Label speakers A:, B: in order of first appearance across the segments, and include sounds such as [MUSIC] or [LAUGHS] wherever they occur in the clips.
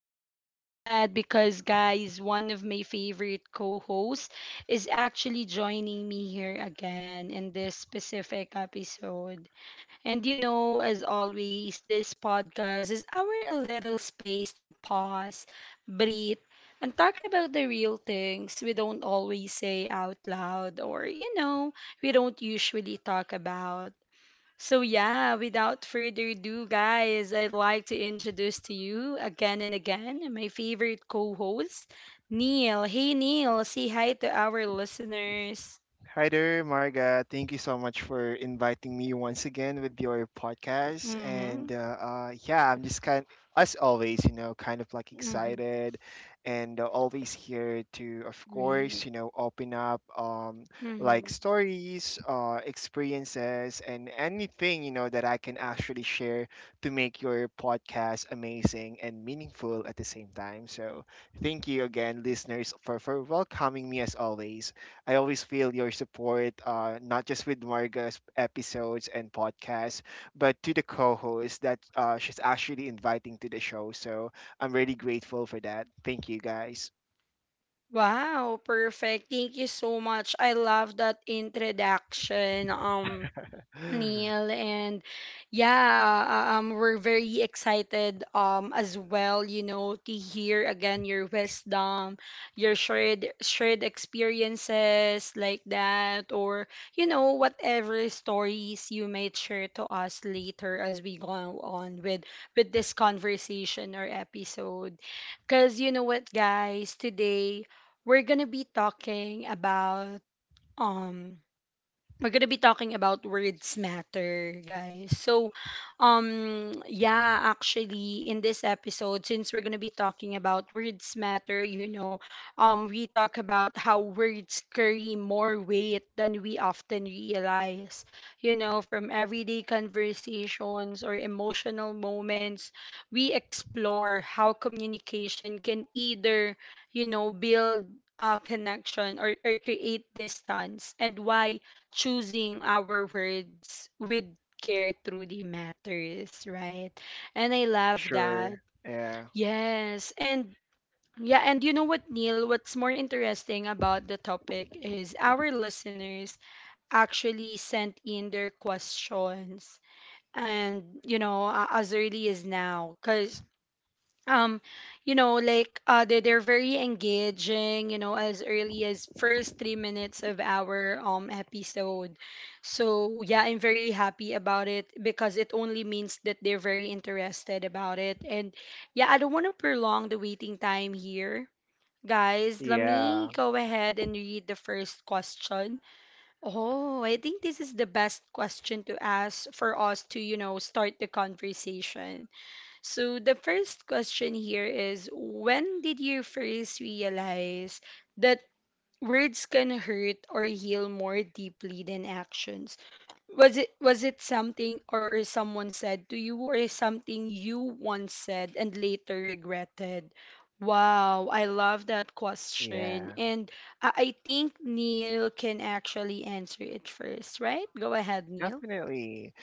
A: I'm so glad because, guys, one of my favorite co hosts is actually joining me here again in this specific episode. And you know, as always, this podcast is our little space to pause, breathe, and talk about the real things we don't always say out loud or, you know, we don't usually talk about. So, yeah, without further ado, guys, I'd like to introduce to you again and again my favorite co host, Neil. Hey, Neil, say hi to our listeners.
B: Hi there, Marga. Thank you so much for inviting me once again with your podcast.
A: Mm hmm.
B: And Yeah, I'm just kind, as always, you know, kind of like
A: Mm hmm.
B: excited, and always here to, of
A: Right.
B: course, you know, open up like stories, experiences, and anything you know that I can actually share to make your podcast amazing and meaningful at the same time. So thank you again, listeners, for welcoming me as always. I always feel your support, not just with Marga's episodes and podcasts, but to the co host that she's actually inviting to the show. So I'm really grateful for that. Thank you guys.
A: Wow, perfect. Thank you so much. I love that introduction.
B: [GASPS]
A: Neil, and yeah, we're very excited as well, you know, to hear again your wisdom, your shared experiences, like that, or you know, whatever stories you may share to us later as we go on with this conversation or episode, cuz you know what guys, today we're going to be talking about um we're gonna be talking about words matter, guys. So, yeah, actually, in this episode, since we're gonna be talking about words matter, you know, we talk about how words carry more weight than we often realize. You know, from everyday conversations or emotional moments, we explore how communication can either, you know, build a connection or create distance, and why choosing our words with care truly matters, right? And I love
B: Sure.
A: that.
B: Yeah.
A: Yes. And yeah, and you know what, Neil, what's more interesting about the topic is our listeners actually sent in their questions, and as early as now, because um you know, like they're very engaging, you know, as early as first 3 minutes of our episode. So yeah, I'm very happy about it because it only means that they're very interested about it. And yeah, I don't want to prolong the waiting time here, guys. Let me
B: Yeah.
A: go ahead and read the first question. Oh, I think this is the best question to ask for us to, you know, start the conversation. So the first question here is, when did you first realize that words can hurt or heal more deeply than actions? Was it something or someone said to you, or something you once said and later regretted? Wow, I love that question.
B: Yeah.
A: And I think Neil can actually answer it first, right? Go ahead, Neil.
B: Definitely.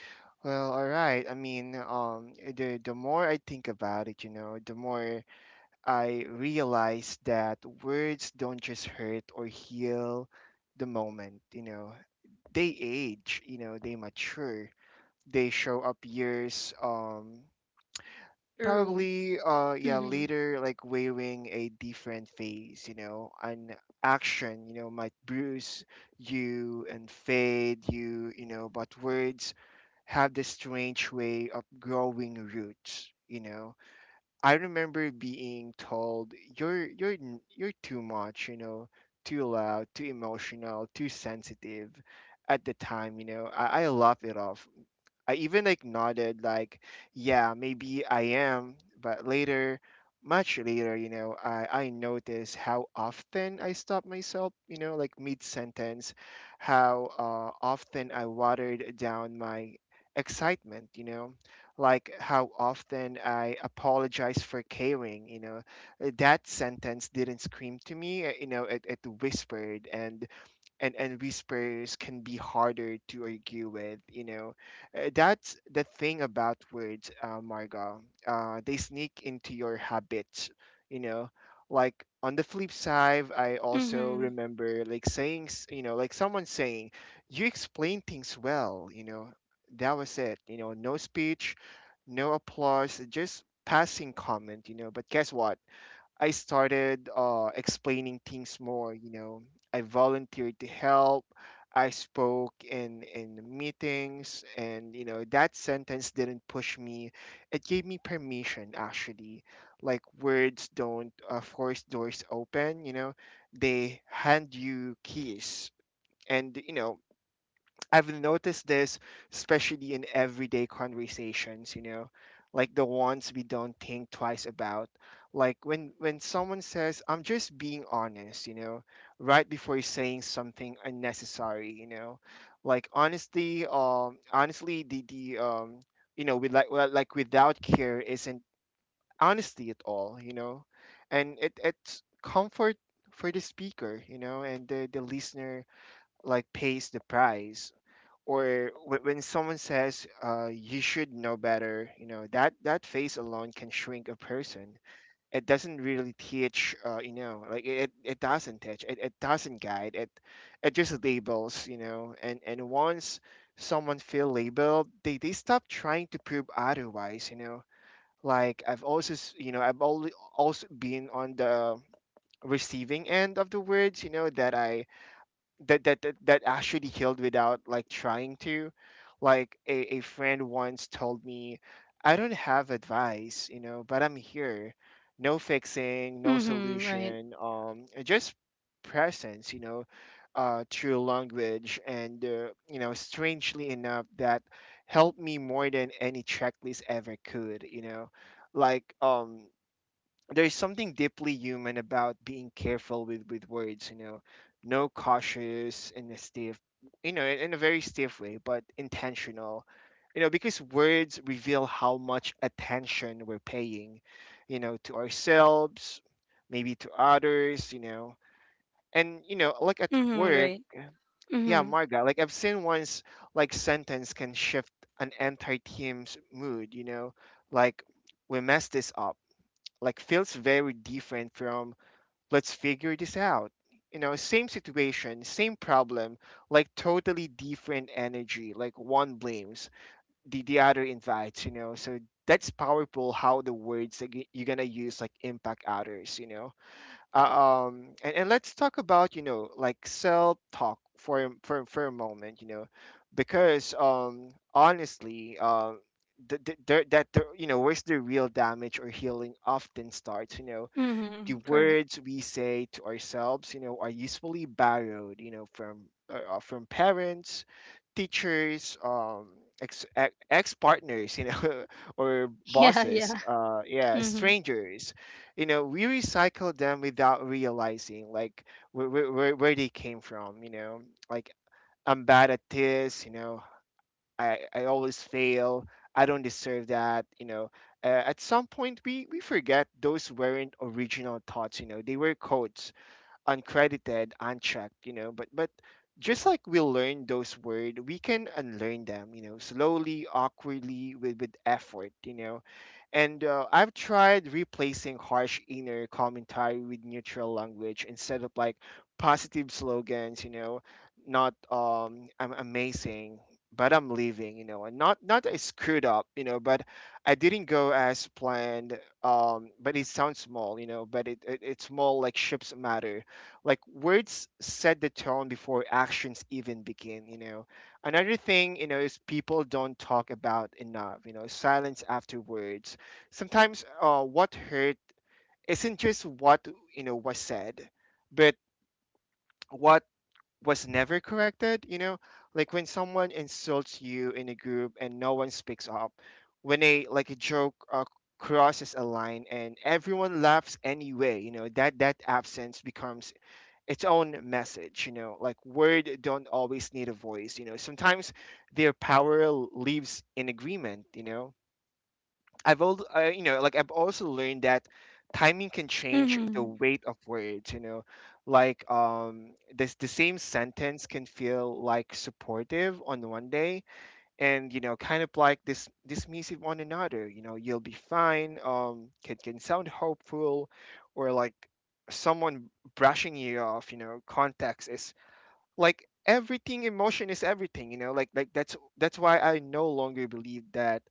B: Well, all right. The more I think about it, you know, the more I realized that words don't just hurt or heal the moment, you know, they age, you know, they mature, they show up years,
A: True.
B: yeah,
A: Mm-hmm.
B: later, like wearing a different face, you know, an action, you know, might bruise you and fade you, you know, but words have this strange way of growing roots, you know. I remember being told you're too much, you know, too loud, too emotional, too sensitive. At the time, you know, I laugh it off. I even like nodded, like, yeah, maybe I am. But later, much later, you know, I noticed how often I stopped myself, you know, like mid sentence, how often I watered down my excitement, you know, like how often I apologized for caring, you know. That sentence didn't scream to me, you know, it whispered. And whispers can be harder to argue with, you know. That's the thing about words, Margot, they sneak into your habits, you know. Like on the flip side, I also
A: Mm-hmm.
B: remember like you know, like someone saying, you explain things well, you know. That was it, you know. No speech, no applause, just passing comment, you know. But guess what, I started explaining things more. You know, I volunteered to help. I spoke in meetings, and you know that sentence didn't push me. It gave me permission, actually. Like words don't force doors open. You know, they hand you keys, and you know I've noticed this, especially in everyday conversations, you know, like the ones we don't think twice about. Like when someone says, "I'm just being honest," you know, right before saying something unnecessary, you know. Honestly, the you know, like without care isn't honesty at all, you know, and it's comfort for the speaker, you know, and the listener like pays the price. Or when someone says, you should know better, you know, that that face alone can shrink a person. It doesn't really teach, you know, like it doesn't teach, it doesn't guide it, it just labels, you know. And once someone feel labeled, they stop trying to prove otherwise, you know. Like you know, I've only also been on the receiving end of the words, you know, that I that that that, that actually healed without like trying to. Like a, friend once told me, I don't have advice, you know, but I'm here. No fixing, no
A: Mm-hmm. Right.
B: solution, just presence, you know, through language. And you know, strangely enough that helped me more than any checklist ever could, you know. like um there's something deeply human about being careful with words, you know. No cautious in a stiff, you know, in a very stiff way, but intentional, you know, because words reveal how much attention we're paying, you know, to ourselves, maybe to others, you know. And you know, like at
A: Mm-hmm.
B: work,
A: Right.
B: yeah,
A: Mhm.
B: Marga, like I've seen once like sentence can shift an entire team's mood, you know. Like, we messed this up, like feels very different from, let's figure this out. You know, same situation, same problem, like totally different energy. Like one blames, the other invites, you know. So that's powerful how the words that you're going to use like impact others, you know. And let's talk about, you know, like self talk for, for a moment, you know, because honestly, the, there- that the, you know, where's the real damage or healing often starts, you know.
A: Mhm.
B: The
A: Correct.
B: words we say to ourselves, you know, are usually borrowed, you know, from parents, teachers, ex ex partners, you know, [LAUGHS] or
A: Yeah, yeah.
B: bosses, yeah,
A: Mhm.
B: strangers. You know, we recycle them without realizing like where they came from. You know, like, I'm bad at this. You know, I always fail. I don't deserve that. You know, at some point we forget those weren't original thoughts. You know, they were codes, uncredited, unchecked. You know, but just like we learn those words, we can unlearn them. You know, slowly, awkwardly, with effort. You know, and I've tried replacing harsh inner commentary with neutral language instead of like positive slogans, you know, not I'm amazing, but I'm leaving, you know, and not I screwed up, you know, but I didn't go as planned. But it sounds small, you know, but it's small like ships matter. Like words set the tone before actions even begin, you know. Another thing, you know, is people don't talk about enough, you know, silence afterwards. Sometimes what hurt isn't just what, you know, was said, but what was never corrected, you know. Like when someone insults you in a group and no one speaks up, when a like a joke crosses a line and everyone laughs anyway, you know, that that absence becomes its own message, you know. Like word don't always need a voice, you know. Sometimes their power lives in agreement, you know. You know, like I've also learned that timing can change the
A: Mhm.
B: weight of words. You know, like this the same sentence can feel like supportive on one day, and you know, kind of like this dismissive on another. You know, you'll be fine. Can sound hopeful, or like someone brushing you off. You know, context is like everything, emotion is everything, you know. Like that's why I no longer believe that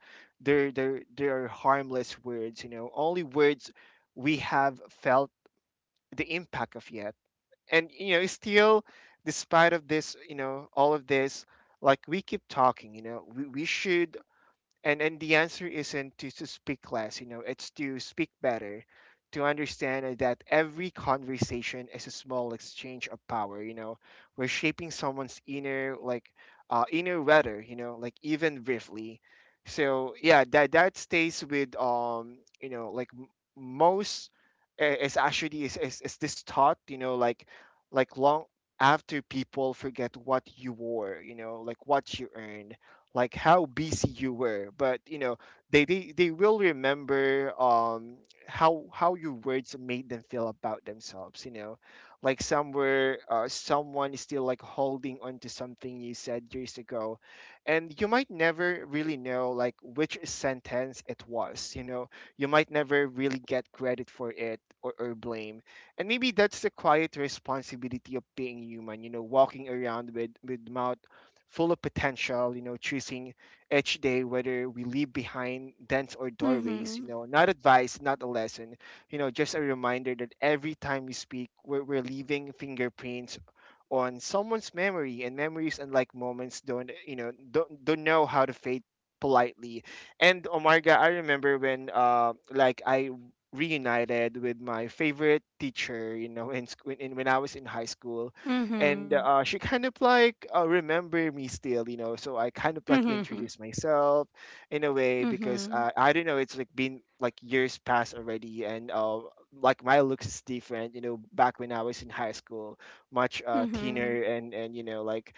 B: there are harmless words, you know. Only words we have felt the impact of yet. And you know, still, despite of this, you know, all of this, like we keep talking, you know. We should. And the answer isn't to, speak less, you know, it's to speak better, to understand that every conversation is a small exchange of power, you know. We're shaping someone's inner like, inner weather, you know, like even briefly. So yeah, that that stays with you know, like m- most is actually is this thought, you know. Like long after people forget what you wore, you know, like what you earned, like how busy you were, but you know they will remember, how your words made them feel about themselves, you know. Like somewhere, someone is still like holding on to something you said years ago, and you might never really know like which sentence it was, you know. You might never really get credit for it, or blame. And maybe that's the quiet responsibility of being human, you know, walking around with mouth full of potential, you know, choosing each day whether we leave behind dents or doorways,
A: Mhm.
B: you know. Not advice, not a lesson, you know, just a reminder that every time we speak, we're leaving fingerprints on someone's memory. And memories, unlike moments, don't you know don't know how to fade politely. And Omarga, I remember when I reunited with my favorite teacher, you know, in, in when I was in high school. And
A: Mhm.
B: she kind of like remember me still, you know. So I kind of like
A: Mhm.
B: introduced myself in a way, because
A: Mhm.
B: I don't know, it's like been like years past already. And like my looks is different, you know. Back when I was in high school, much
A: Mhm.
B: thinner, and you know, like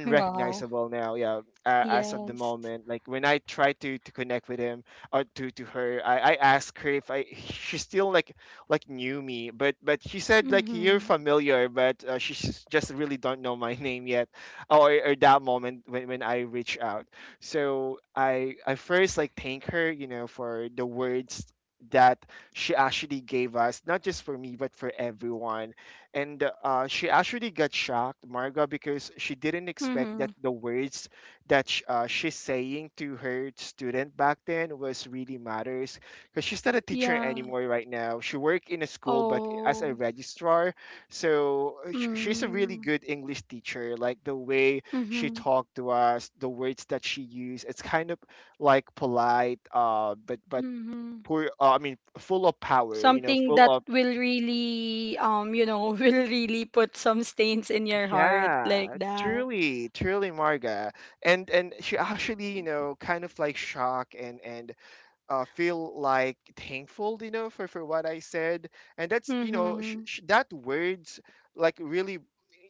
A: Wow.
B: now. Yeah, as of the
A: Yes.
B: moment, like when I try to connect with him, or to her, I ask her if I she's still like knew me. But she said like, you're
A: Mhm.
B: familiar, but she just really don't know my [LAUGHS] name yet, or that moment when I reach out. So I first like thank her, for the words that she actually gave us, not just for me but for everyone. And she actually got shocked, Marga, because she didn't expect
A: Mhm.
B: that the words that she's saying to her student back then was really matters, because she's not a teacher
A: Yeah.
B: anymore right now. She worked in a school, but as a
A: Oh.
B: registrar. So she's a really
A: Mm.
B: good English teacher. Like the way she
A: Mhm.
B: talked to us, the words that she used, it's kind of like polite, but
A: Mhm.
B: poor. I mean, full of power.
A: Something
B: Full
A: that
B: of,
A: will really you know, [LAUGHS] will really put some stains in your heart, like
B: yeah,
A: that.
B: truly, truly, Marga, and she actually, kind of like shock and feel like thankful for what I said, and that's
A: Mhm.
B: that words, like, really,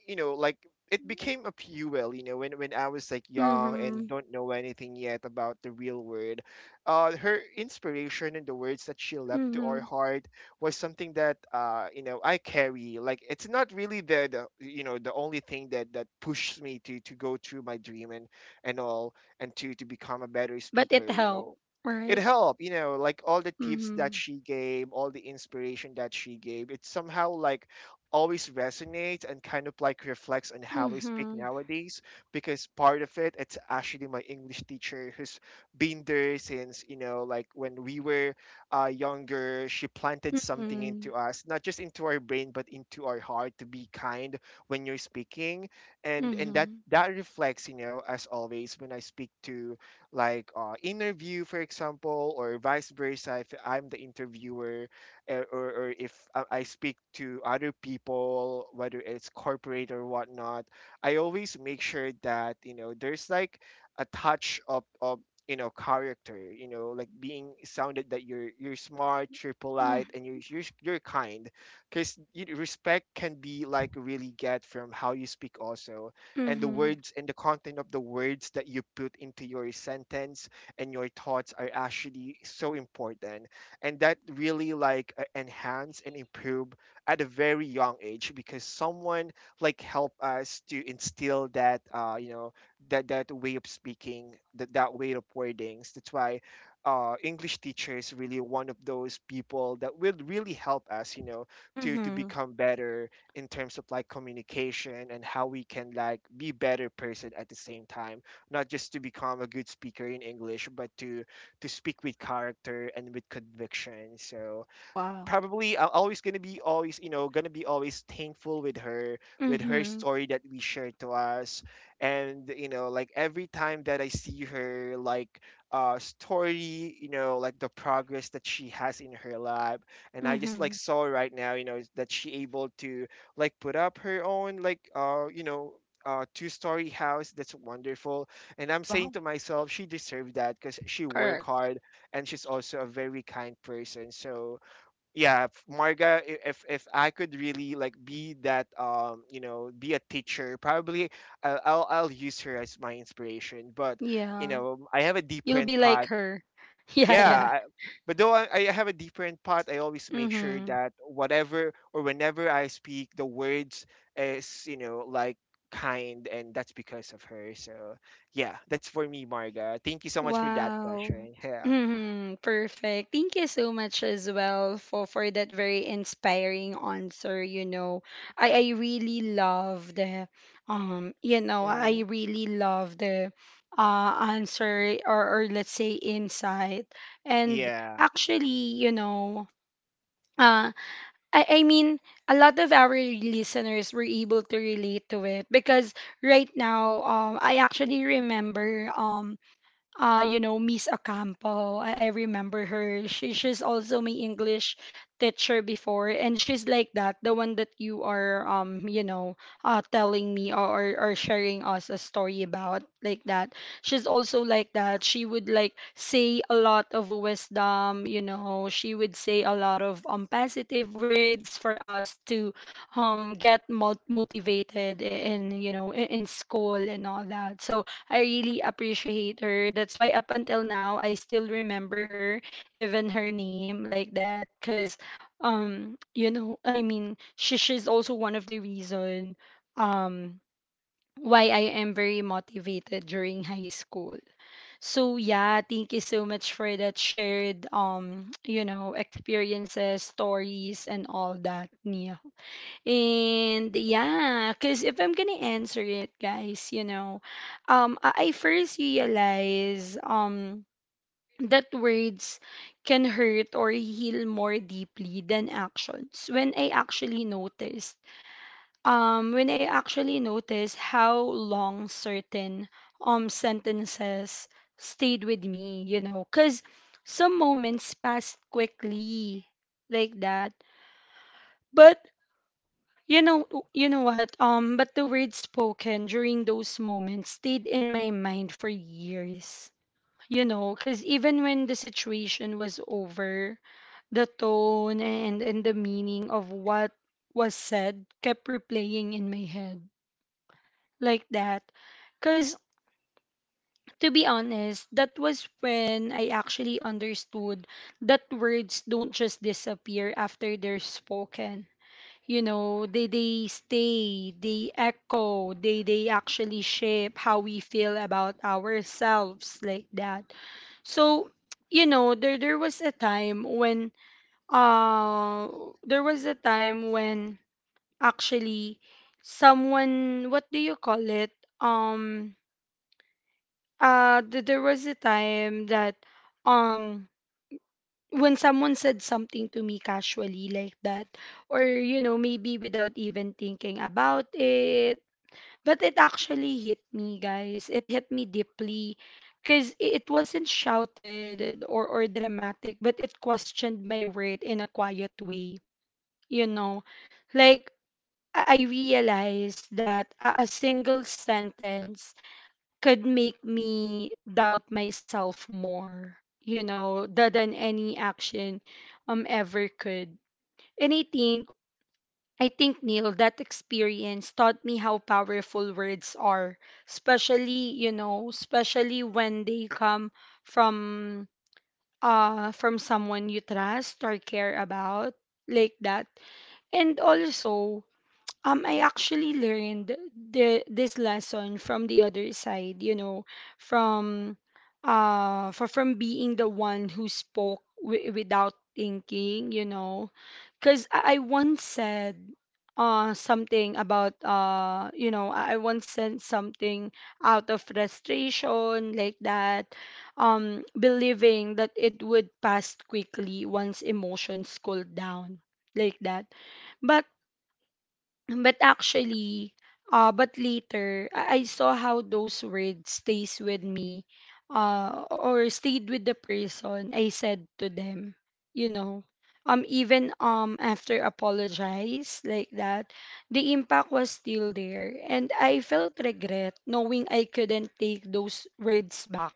B: you know like it became a fuel when I was like young and
A: Mhm.
B: don't know anything yet about the real world. Her inspiration and the words that she left to our
A: Mhm.
B: heart was something that I carry, like it's not really the the only thing that pushed me to go through my dream and all, and to become a better
A: But
B: speaker
A: it helped,
B: it
A: right?
B: helped, like all the tips that
A: Mhm.
B: she gave, all the inspiration that she gave, it somehow, like, always resonates and kind of like reflects on how we speak
A: Mhm.
B: nowadays, because part of it's actually my English teacher, who's been there since, like, when we were, younger. She planted something into
A: Mhm.
B: us, not just into our brain but into our heart, to be kind when you're speaking. And that
A: Mhm.
B: that reflects, as always when I speak to, like, interview, for example, or vice versa. If I'm the interviewer, or, if I speak to other people, whether it's corporate or whatnot, I always make sure that, there's like a touch of character, like being sounded that you're smart, you're polite,
A: Mhm.
B: and you're kind, because respect can be, like, really get from how you speak also, and the
A: Mhm.
B: words and the content of the words that you put into your sentence and your thoughts are actually so important, and that really, like, enhance and improve at a very young age, because someone, like, help us to instill that, that way of speaking, that way of wordings. That's why, English teacher is really one of those people that will really help us, you know, to
A: Mhm.
B: become better in terms of like communication and how we can, like, be better person at the same time, not just to become a good speaker in English, but to speak with character and with conviction. So
A: Wow.
B: probably I'm always gonna be, always, gonna be always thankful with her, with her
A: Mhm.
B: story that we shared to us. And, like, every time that I see her, like, story, like the progress that she has in her life, and I just, like,
A: Mhm.
B: saw right now, is that she able to, like, put up her own, like, two-story house. That's wonderful. And I'm saying to
A: Wow.
B: myself, she deserved that because she worked
A: Correct.
B: hard, and she's also a very kind person. So yeah, if, Marga, if I could really, like, be that, be a teacher, probably I'll use her as my inspiration. But,
A: Yeah.
B: I have a
A: You'll
B: different
A: be like
B: path.
A: her. [LAUGHS] Yeah,
B: Yeah,
A: yeah.
B: I, but though I have a different path, I always make sure
A: Mhm.
B: that whatever or whenever I speak, the words is, like, kind, and that's because of her. So yeah, that's for me, Marga. Thank you so much for that
A: Wow.
B: question. Yeah.
A: Mhm. Perfect. Thank you so much as well for that very inspiring answer, you know. I really love the you know, I
B: Hmm.
A: really love the uh answer, or let's say insight. And
B: Yeah.
A: actually, you know, uh I mean, a lot of our listeners were able to relate to it, because right now I actually remember, you know, Miss Ocampo. I remember her. She's also my English teacher before, and she's like that, the one that you are, you know, telling me, or or sharing us a story about, like that. She's also like that. She would like say a lot of wisdom, you know. She would say a lot of positive words for us to get motivated in, you know, in school and all that. So I really appreciate her. That's why up until now I still remember her, even her name, like that, cuz you know, I mean, she's also one of the reason um why I am very motivated during high school. So yeah, thank you so much for that shared, [TSK] you know, experiences, stories, and all that, Nia. And yeah, because if I'm gonna answer it, guys, you know, I first realize, that words can hurt or heal more deeply than actions, when I actually noticed when I actually noticed how long certain sentences stayed with me, you know, because some moments passed quickly, like that. But you know, you know what? But the words spoken during those moments stayed in my mind for years. You know, because even when the situation was over, the tone and the meaning of what was said kept replaying in my head, like that. Because to be honest, that was when I actually understood that words don't just disappear after they're spoken. You know, they stay, they echo, they actually shape how we feel about ourselves, like that. So you know, there was a time when uh there was a time when, actually, someone, what do you call it, um there was a time that um when someone said something to me casually, like that, or you know, maybe without even thinking about it. But it actually hit me, guys, it hit me deeply, because it wasn't shouted or dramatic, but it questioned my worth in a quiet way, you know. Like I realized that a single sentence could make me doubt myself more, you know, than any action ever could. And I think, I think Neil, that experience taught me how powerful words are, especially, you know, especially when they come from from someone you trust or care about, like that. And also, I actually learned the this lesson from the other side, you know, from for from being the one who spoke without thinking, you know, cuz I once said something about, you know, I once said something out of frustration, like that, believing that it would pass quickly once emotions cooled down, like that. But. But actually, but later, I saw how those words stays with me, or stayed with the person I said to them, you know, even after apologize, like that, the impact was still there, and I felt regret knowing I couldn't take those words back,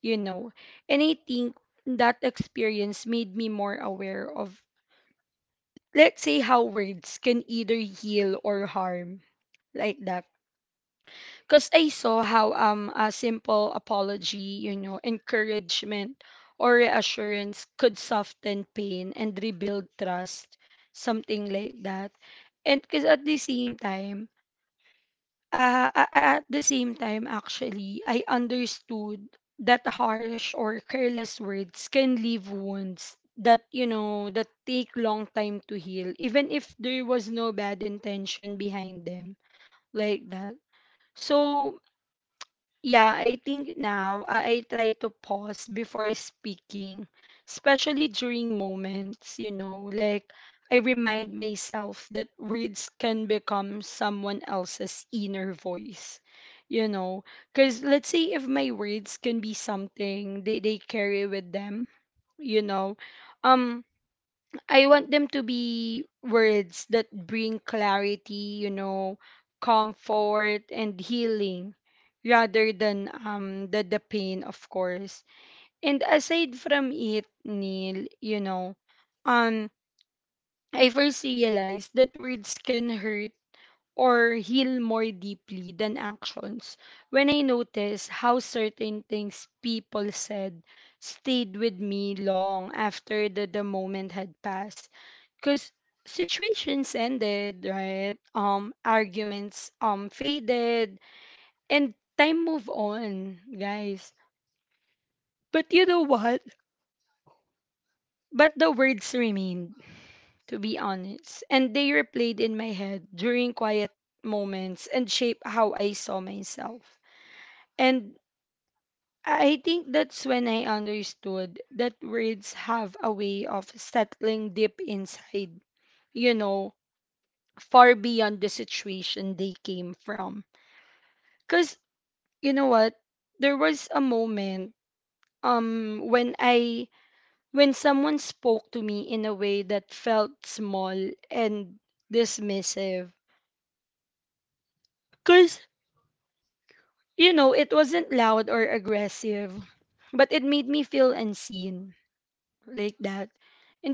A: you know. And I think that experience made me more aware of. Let's say how words can either heal or harm, like that, because I saw how a simple apology, you know, encouragement or reassurance, could soften pain and rebuild trust, something like that. And because at the same time, at the same time, actually, I understood that harsh or careless words can leave wounds that, you know, that take long time to heal, even if there was no bad intention behind them, like that. So yeah, I think now I try to pause before speaking, especially during moments, you know. Like I remind myself that words can become someone else's inner voice, you know. Because let's say if my words can be something they carry with them, you know, um, I want them to be words that bring clarity, you know, comfort, and healing, rather than the pain, of course. And aside from it, Neil, you know, um I first realized that words can hurt or heal more deeply than actions when I noticed how certain things people said stayed with me long after the moment had passed. Because situations ended, right? Arguments faded, and time moved on, guys. But you know what? But the words remained, to be honest. And they replayed in my head during quiet moments, and shaped how I saw myself. And I think that's when I understood that words have a way of settling deep inside, you know, far beyond the situation they came from. Cause you know what? There was a moment when I, when someone spoke to me in a way that felt small and dismissive. Cause, you know, it wasn't loud or aggressive, but it made me feel unseen, like that.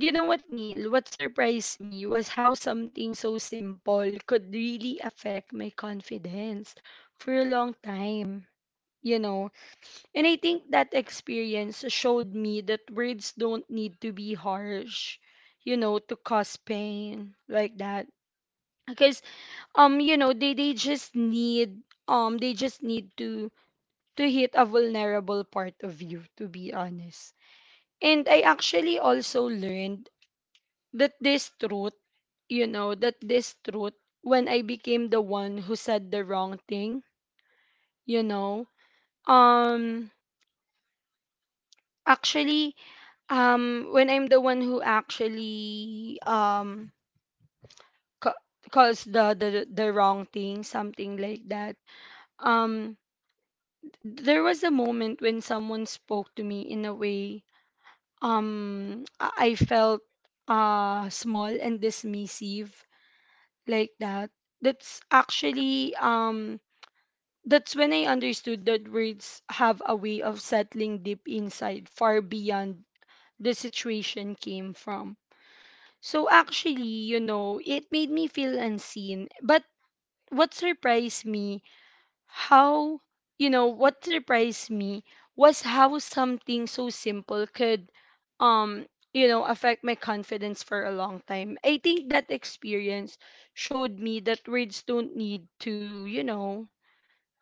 A: And you know what, Neil? What surprised me was how something so simple could really affect my confidence for a long time. You know, and I think that experience showed me that words don't need to be harsh, you know, to cause pain, like that. Because you know, they just need they just need to hit a vulnerable part of you, to be honest. And I actually also learned that this truth, that this truth, when I became the one who said the wrong thing, you know, um, actually, when I'm the one who actually, ca- caused the wrong thing, something like that. um, there was a moment when someone spoke to me in a way, um, I felt small and dismissive like that. That's actually, um, That's when I understood that words have a way of settling deep inside, far beyond the situation came from. So actually, you know, it made me feel unseen. But what surprised me, how, what surprised me was how something so simple could, um, you know, affect my confidence for a long time. I think that experience showed me that words don't need to, you know,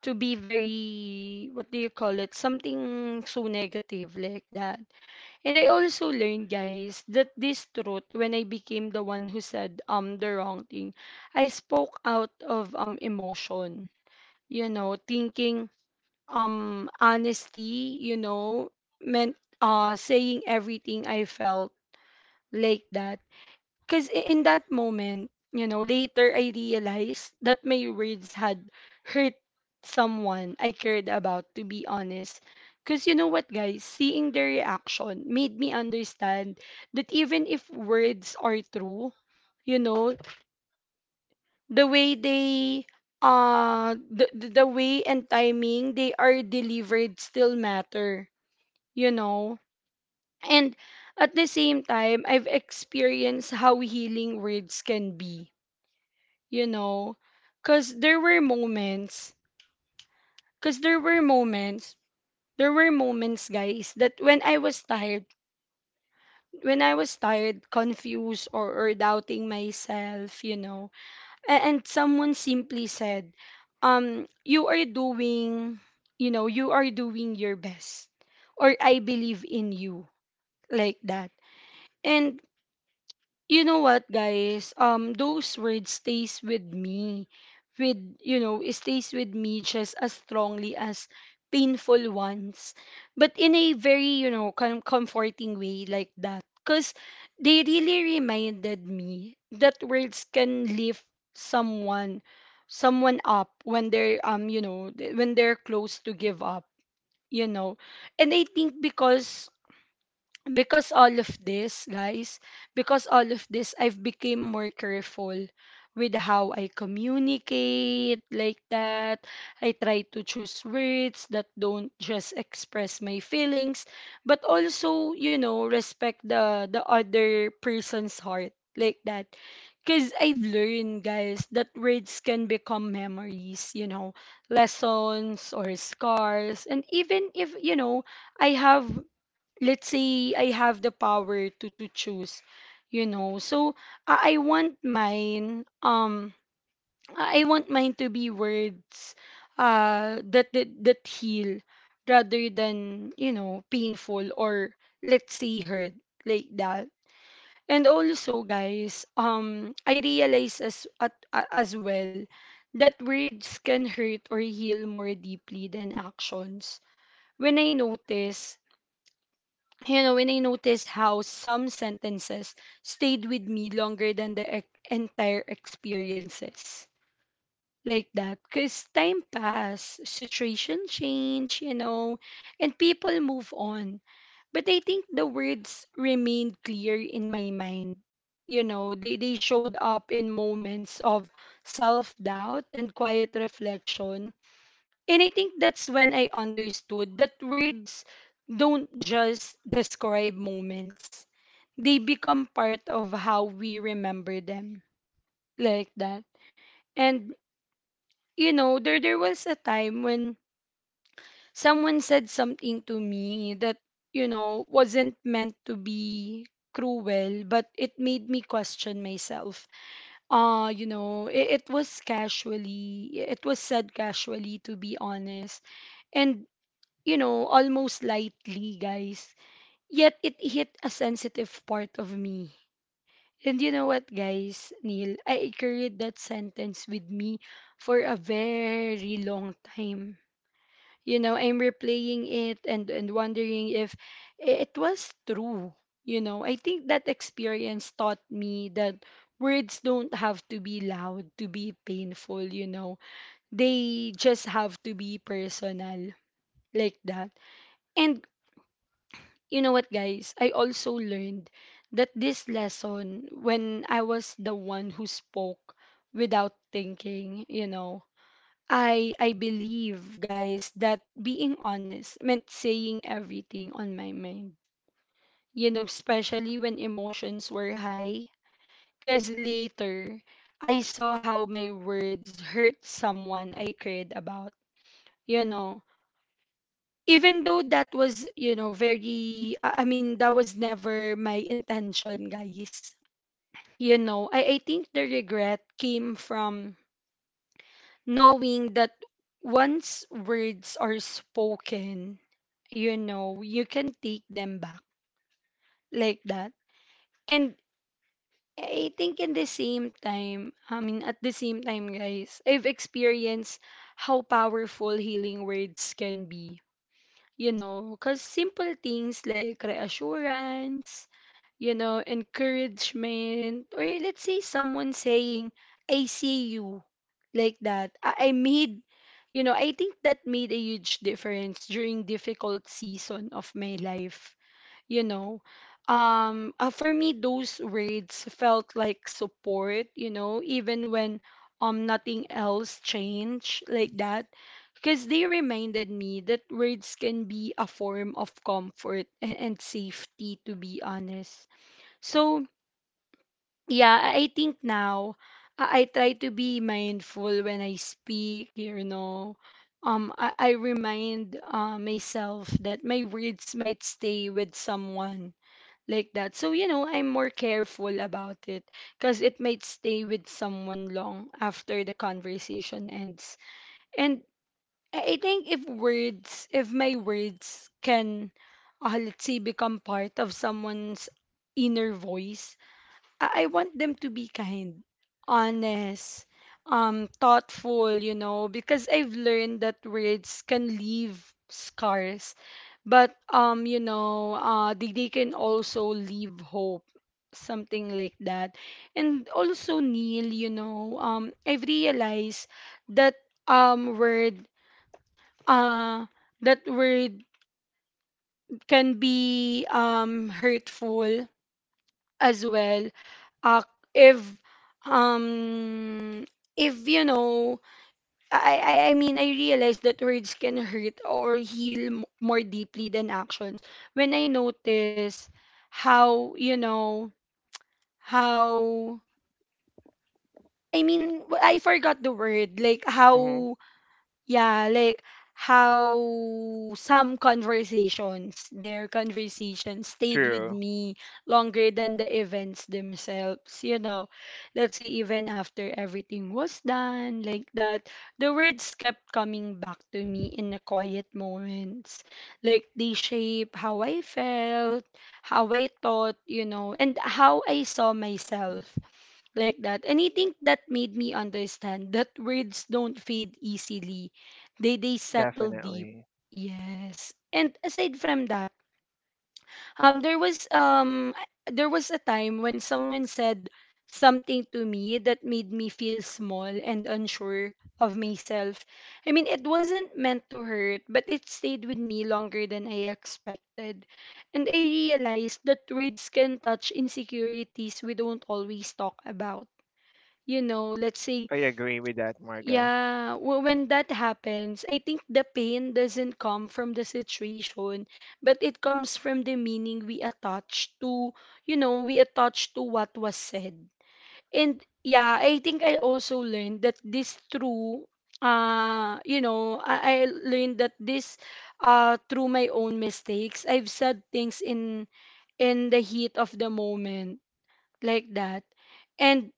A: to be very, what do you call it, something so negative like that. And I also learned, guys, that this truth, when I became the one who said the wrong thing, I spoke out of emotion, you know, thinking honesty, you know, meant saying everything I felt, like that. Because in that moment, you know, later I realized that my words had hurt someone I cared about, to be honest. Because you know what, guys? Seeing their reaction made me understand that even if words are true, you know, the way they the way and timing they are delivered still matter, you know. And at the same time, I've experienced how healing words can be, you know, because there were moments, because there were moments there were moments, guys, that when I was tired, confused, or, doubting myself, you know. And, someone simply said, you are doing, you know, you are doing your best, or I believe in you, like that. And you know what, guys? Those words stays with me, with you know, it stays with me just as strongly as painful ones, but in a very, you know, comforting way, like that, because they really reminded me that words can lift someone, someone up when they're you know, when they're close to give up, you know. And I think because all of this guys because all of this, I've became more careful with how I communicate, like that. I try to choose words that don't just express my feelings, but also, you know, respect the other person's heart, like that, because I've learned, guys, that words can become memories, you know, lessons, or scars. And even if, you know, I have, let's say I have the power to choose, you know. So I want mine, I want mine to be words that heal rather than, you know, painful, or let's say hurt, like that. And also, guys, I realize as well that words can hurt or heal more deeply than actions. When I notice, you know, when I noticed how some sentences stayed with me longer than the entire experiences. Like that. Because time passed, situation changed, you know, and people move on. But I think the words remained clear in my mind. You know, they showed up in moments of self doubt and quiet reflection. And I think that's when I understood that words don't just describe moments, they become part of how we remember them, like that. And, you know, there was a time when someone said something to me that, you know, wasn't meant to be cruel, but it made me question myself. You know, it was casually, it was said casually, to be honest. And you know, almost lightly, guys. Yet it hit a sensitive part of me. And you know what, guys, Neil? I carried that sentence with me for a very long time. You know, I'm replaying it and wondering if it was true. You know, I think that experience taught me that words don't have to be loud to be painful, you know. They just have to be personal, like that. And you know what, guys? I also learned that this lesson when I was the one who spoke without thinking, you know. I believe, guys, that being honest meant saying everything on my mind. You know, especially when emotions were high. Cause later I saw how my words hurt someone I cared about. You know, even though that was, you know, very, I mean, that was never my intention, guys, you know. I think the regret came from knowing that once words are spoken, you know, you can take them back, like that. And I think in the same time, I mean, at the same time, guys, I've experienced how powerful healing words can be, you know, because simple things like reassurance, you know, encouragement, or let's say someone saying, I see you, like that. You know, I think that made a huge difference during difficult season of my life, you know. For me, those words felt like support, you know, even when nothing else changed, like that. Because they reminded me that words can be a form of comfort and safety, to be honest. So, yeah, I think now I try to be mindful when I speak, you know. I remind myself that my words might stay with someone, like that. So, you know, I'm more careful about it, because it might stay with someone long after the conversation ends. And I think if words, if my words can, let's say, become part of someone's inner voice, I want them to be kind, honest, thoughtful, you know, because I've learned that words can leave scars, but you know, they can also leave hope, something like that. And also, Neil, you know, I've realized that word uh that word can be hurtful as well, uh, if um if, you know, I mean, I realize that words can hurt or heal more deeply than actions. When I notice how you know how I mean w- I forgot the word, like
B: Hmm.
A: how. Yeah, like how some conversations, their conversations stayed with
B: True.
A: me longer than the events themselves. You know, let's say even after everything was done, like that, the words kept coming back to me in the quiet moments. Like they shape how I felt, how I thought, you know, and how I saw myself, like that. And I think that made me understand that words don't fade easily. They settle deep.
B: Definitely.
A: Yes. And aside from that, um there was um there was a time when someone said something to me that made me feel small and unsure of myself. I mean, it wasn't meant to hurt, but it stayed with me longer than I expected. And I realized that words can touch insecurities we don't always talk about, you know, let's say.
B: I agree with that, Marga.
A: Yeah, when that happens, I think the pain doesn't come from the situation, but it comes from the meaning we attach to, you know, we attach to what was said. And yeah, I think I also learned that this true, you know, I learned that this, through my own mistakes, I've said things in the heat of the moment, like that. And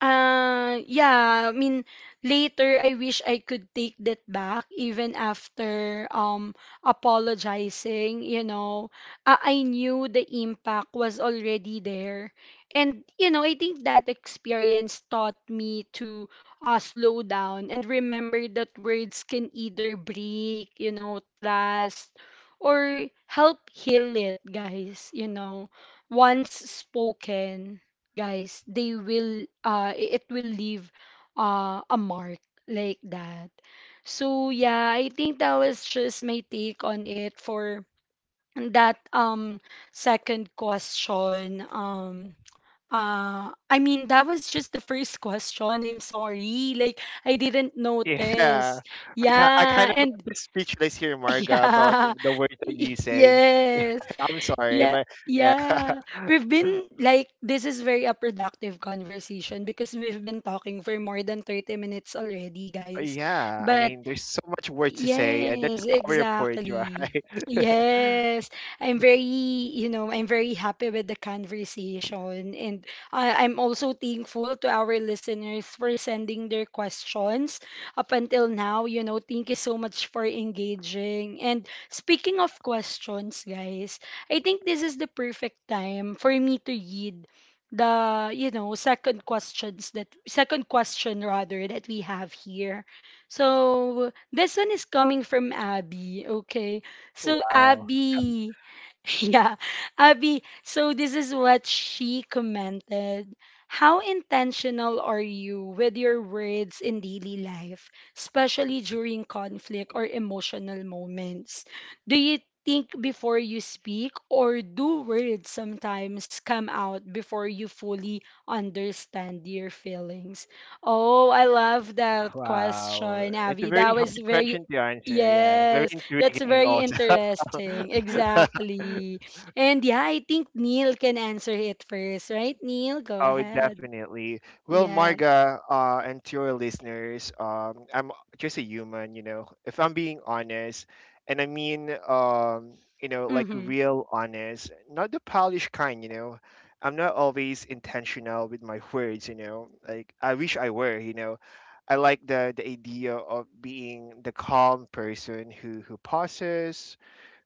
A: yeah, I mean, later I wish I could take that back even after apologizing, you know. I knew the impact was already there. And you know, I think that experience taught me to slow down and remember that words can either break, you know, trust, or help heal it, guys, you know. Once spoken, guys, they will, it will leave a mark, like that. So yeah, I think that was just my take on it for that, second question. I mean, that was just the first question, I'm sorry, like I didn't
B: Yeah.
A: notice.
B: [LAUGHS] I
A: Yeah.
B: kind of
A: And
B: a bit speechless here,
A: [LAUGHS]
B: Marga, about
A: yeah.
B: the words that
A: [LAUGHS]
B: you say.
A: Yes.
B: [LAUGHS] I'm sorry,
A: Yeah,
B: but yeah.
A: yeah.
B: [LAUGHS]
A: We've been like this is very a productive conversation, because we've been talking for more than 30 minutes already, guys.
B: yeah. I
A: But
B: mean, there's so much words to say, and that's
A: yes,
B: the power of words,
A: exactly.
B: right? [LAUGHS]
A: Yes. I'm very, you know, I'm very happy with the conversation. And I'm also thankful to our listeners for sending their questions up until now. You know, thank you so much for engaging. And speaking of questions, guys, I think this is the perfect time for me to read the, you know, second questions, that second question rather, that we have here. So this one is coming from Abby, okay? So
B: wow.
A: Abby, [LAUGHS] yeah, Abby. So this is what she commented. How intentional are you with your words in daily life, especially during conflict or emotional moments? Do you think before you speak, or do words sometimes come out before you fully understand your feelings? Oh, I love that question,
B: Wow, it's a
A: Abby.
B: very
A: That
B: hard
A: was very,
B: question to answer. Yeah, very
A: yes, that's
B: intriguing
A: very
B: also.
A: interesting thing.
B: [LAUGHS]
A: Exactly. And yeah, I think Neil can answer it first, right? Neil, go
B: Oh,
A: ahead.
B: definitely. Well,
A: Yes.
B: Marga, and to your listeners, I'm just a human, if I'm being honest. And I mean, like,
A: Mm-hmm.
B: real honest, not the polished kind. I'm not always intentional with my words. Like, I wish I were. I like the idea of being the calm person who, pauses,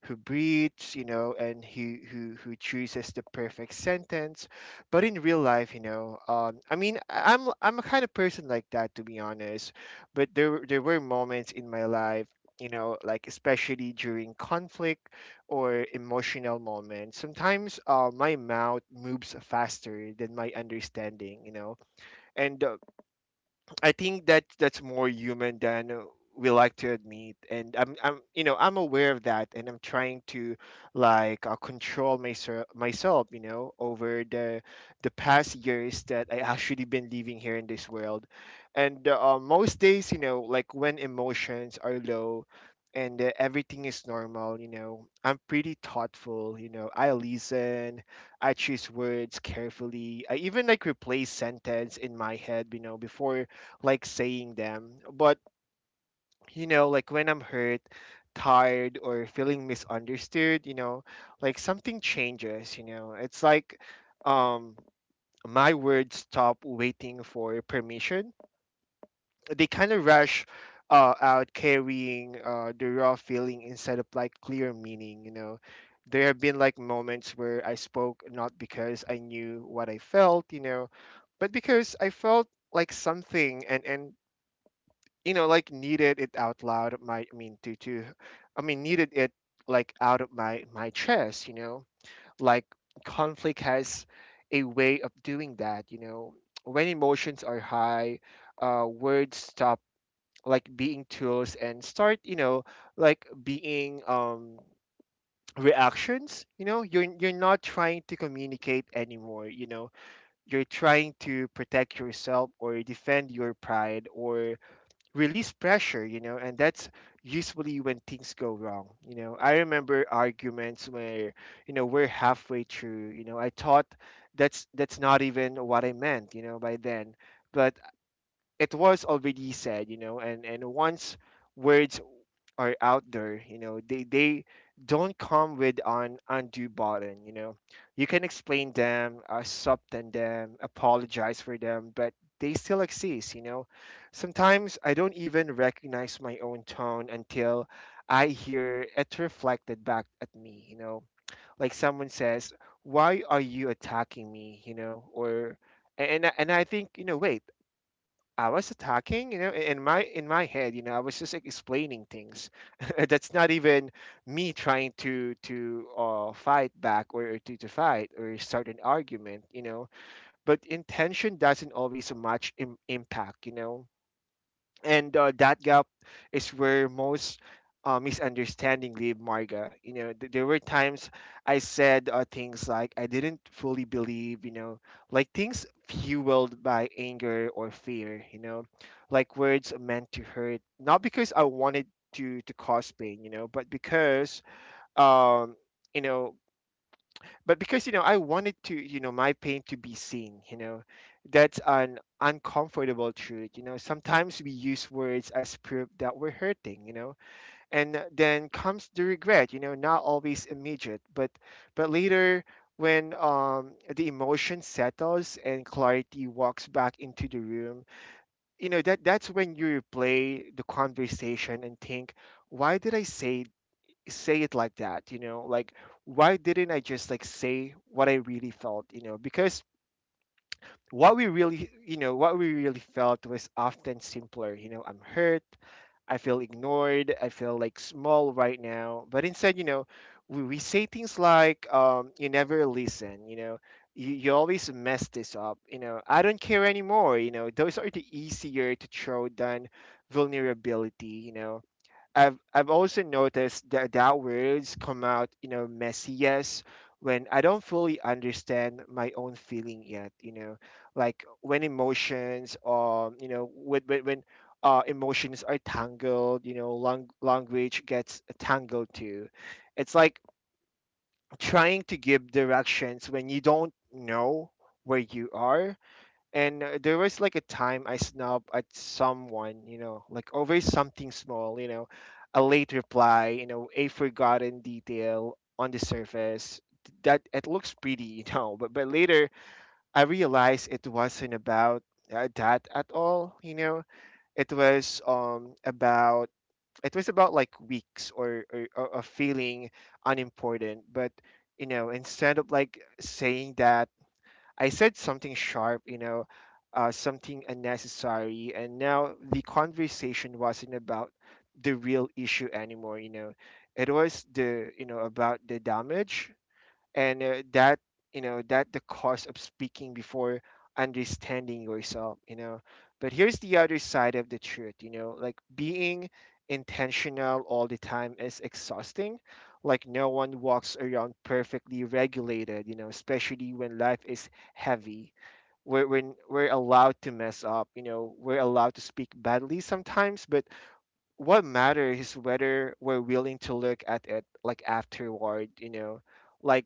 B: who breathes, and who, chooses the perfect sentence. But in real life, I mean, I'm a kind of person like that, to be honest. But there were moments in my life, like, especially during conflict or emotional moments. Sometimes, my mouth moves faster than my understanding, and, I think that that's more human than, we like to admit. And I'm I'm aware of that, and I'm trying to, like, control myself, over the past years that I [LAUGHS] actually been living here in this world. And, most days, like when emotions are low. And everything is normal. I'm pretty thoughtful. I listen, I choose words carefully. I even, like, replace sentence in my head, before, like, saying them. But, like, when I'm hurt, tired, or feeling misunderstood, like, something changes. It's like, um, my words stop waiting for permission. They kind of rush, out, carrying, the raw feeling instead of like clear meaning. There have been, like, moments where I spoke, not because I knew what I felt, but because I felt like something, and like, needed it out loud. My I mean, to, I mean, needed it, like, out of my chest like, conflict has a way of doing that when emotions are high, words stop, like, being tools and start, like being, reactions. You're not trying to communicate anymore you're trying to protect yourself or defend your pride or release pressure, and that's usually when things go wrong. I remember arguments where, we're halfway through, I thought, that's not even what I meant, by then. But it was already said, and once words are out there, they don't come with an undo button. You can explain them, subtend them, apologize for them, but they still exist. Sometimes I don't even recognize my own tone until I hear it reflected back at me. Like someone says, "Why are you attacking me?" Or and I think, wait, I was attacking, in my head, I was just, like, explaining things. [LAUGHS] That's not even me trying to, fight back, or to fight or start an argument. But intention doesn't always match impact, and, that gap is where most, misunderstanding leave, Marga, you know. There were times I said, things like I didn't fully believe, like things fueled by anger or fear, like words meant to hurt, not because I wanted to cause pain, but because, um you know I wanted to, my pain to be seen, you know. That's an uncomfortable truth, sometimes we use words as proof that we're hurting, you know. And then comes the regret, not always immediate, but later, when, the emotion settles and clarity walks back into the room, you know that that's when you replay the conversation and think, why did I say it like that, like, why didn't I just, like, say what I really felt, because what we really what we really felt was often simpler. I'm hurt, I feel ignored, I feel like small right now, but instead, we say things like, you never listen, you always mess this up, I don't care anymore, you know. Those are the easier to throw than vulnerability, you know. I've also noticed that words come out, messiest when I don't fully understand my own feeling yet. You know, like when emotions you know when emotions are tangled. You know, language gets tangled too. It's like trying to give directions when you don't know where you are, and there was like a time I snubbed at someone, you know, like over something small, you know, a late reply, you know, a forgotten detail on the surface that it looks pretty, [LAUGHS] you know, but later I realized it wasn't about that at all, you know. It was um about it was about like weeks or feeling unimportant, but you know, instead of like saying that, I said something sharp, you know, something unnecessary, and now the conversation wasn't about the real issue anymore. You know, it was the you know about the damage and that you know that the cost of speaking before understanding yourself, you know. But here's the other side of the truth, you know, like being intentional all the time is exhausting. Like no one walks around perfectly regulated, you know, especially when life is heavy. We're allowed to mess up, you know, we're allowed to speak badly sometimes, but what matters is whether we're willing to look at it like afterward, you know. Like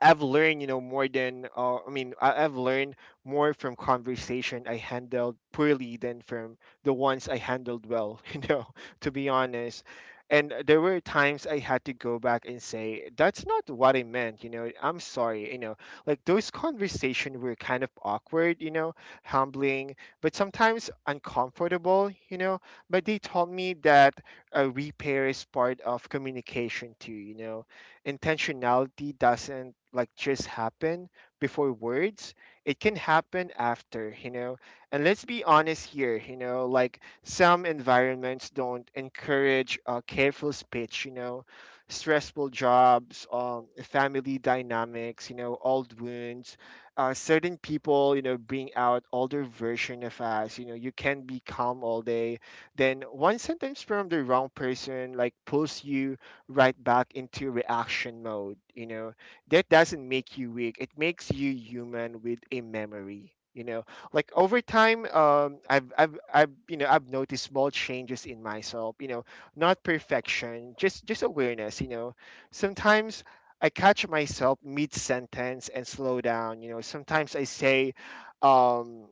B: I've learned, you know, more than I've learned more from conversation I handled poorly than from the ones I handled well, [LAUGHS] you know, to be honest. And there were times I had to go back and say, that's not what I meant, you know, I'm sorry, you know, like those conversations were kind of awkward, you know, humbling, but sometimes uncomfortable, you know, but they taught me that a repair is part of communication too, you know. Intentionality doesn't like just happen before words, it can happen after, you know. And let's be honest here, you know, like some environments don't encourage careful speech, you know, stressful jobs, family dynamics, you know, old wounds, certain people, you know, bring out older version of us, you know. You can be calm all day, then one sentence from the wrong person like pulls you right back into reaction mode. You know, that doesn't make you weak, it makes you human with a memory. You know, like over time, I've noticed small changes in myself. You know, not perfection, just awareness. You know, sometimes I catch myself mid sentence and slow down. You know, sometimes I say, um,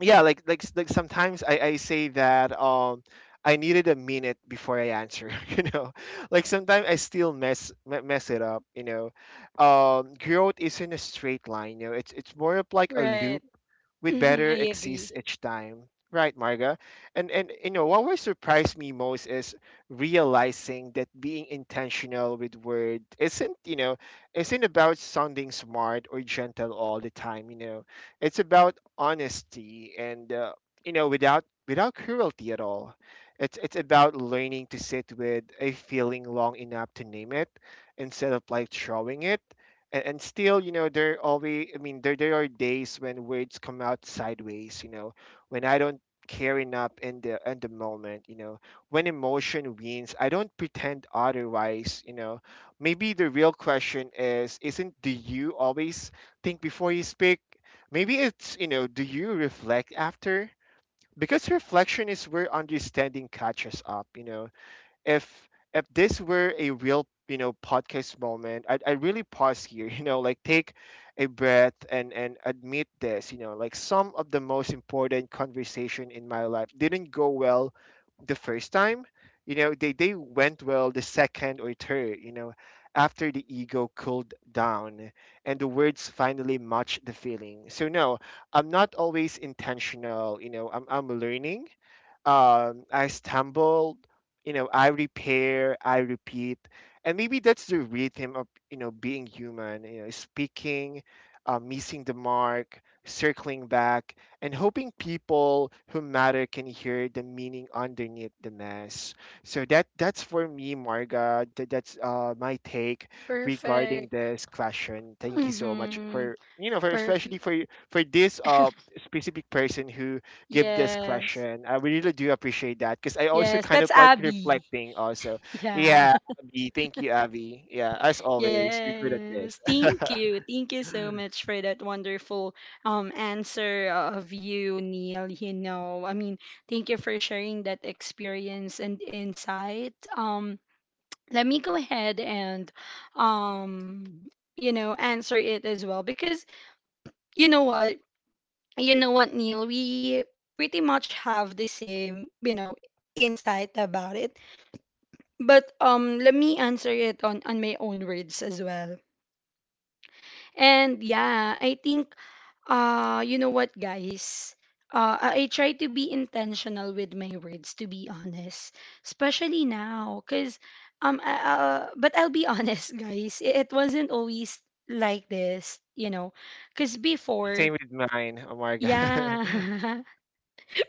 B: yeah, like sometimes I say that I needed a minute before I answer, [LAUGHS] you know. Like sometimes I still mess it up, you know. Growth isn't a straight line, you know, it's more of like a loop
A: Right.
B: with
A: Mm-hmm.
B: better
A: I
B: exceeds
A: agree.
B: each time. Right, Marga. And you know what will surprise me most is realizing that being intentional with word isn't, you know, isn't about sounding smart or gentle all the time, you know. It's about honesty and, you know, without cruelty at all. It's about learning to sit with a feeling long enough to name it instead of like throwing it. And still, you know, there always I mean there there are days when words come out sideways, you know, when I don't care enough in the moment, you know, when emotion wins, I don't pretend otherwise, you know. Maybe the real question is isn't do you always think before you speak. Maybe it's, you know, do you reflect after, because reflection is where understanding catches up, you know. if if this were a real, you know, podcast moment, I'd really pause here, [LAUGHS] you know, like take a breath and admit this, you know, like some of the most important conversation in my life didn't go well the first time, you know. They went well the second or third, you know, after the ego cooled down and the words finally matched the feeling. So no, I'm not always intentional, you know, I'm learning. I stumbled, you know, I repair, I repeat, and maybe that's the rhythm of, you know, being human. You know, speaking, missing the mark, circling back, and hoping people who matter can hear the meaning underneath the mess. So that's for me, Marga. That's my take regarding
A: Perfect.
B: this question. Thank you so much
A: Mm-hmm.
B: for, you know, for
A: Perfect.
B: especially for this specific person who give this
A: Yes.
B: question. I really do appreciate that because I also
A: Yes.
B: kind
A: That's
B: of like
A: Abby.
B: reflecting also.
A: [LAUGHS] Yeah.
B: Yeah, Abby, thank you, Abby. Yeah, as always, you're good at
A: Yes.
B: this.
A: Thank you. Thank you so
B: [LAUGHS]
A: much for that wonderful answer of you, Neil. You know, I mean, thank you for sharing that experience and insight. Let me go ahead and um answer it as well because you know what you know what Neil, we pretty much have the same, you know, insight about it, but let me answer it on my own words as well. And yeah, I think you know what, guys? I try to be intentional with my words, to be honest, especially now cuz but I'll be honest, [LAUGHS] guys, it wasn't always like this, you know. Cuz
B: Same
A: before,
B: with mine. Oh my god.
A: yeah. [LAUGHS]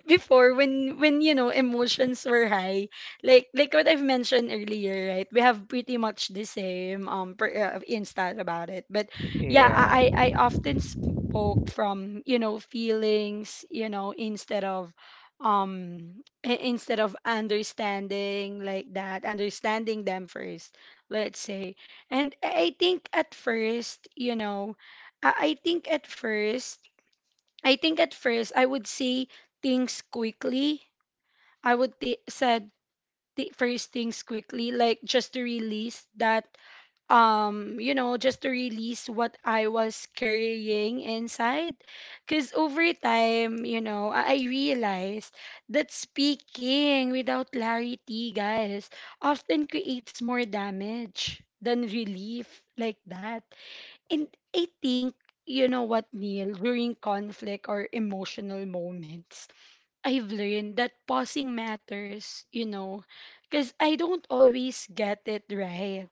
A: Before when you know, emotions were high, like what I've mentioned earlier, right? We have pretty much the same instance about it. But yeah,
B: [LAUGHS] Yeah.
A: I often spoke from, you know, feelings, you know, instead of instead of understanding, like that, understanding them first, let's say. And I I think at first I think at first, I would say things quickly. I would t- said th- first things quickly, like just to release that, you know, just to release what I was carrying inside. Because over time, you know, I realized that speaking without clarity, guys, often creates more damage than relief, like that. And I think, you know what, Neil, during conflict or emotional moments, I've learned that pausing matters, you know, because I don't always get it right,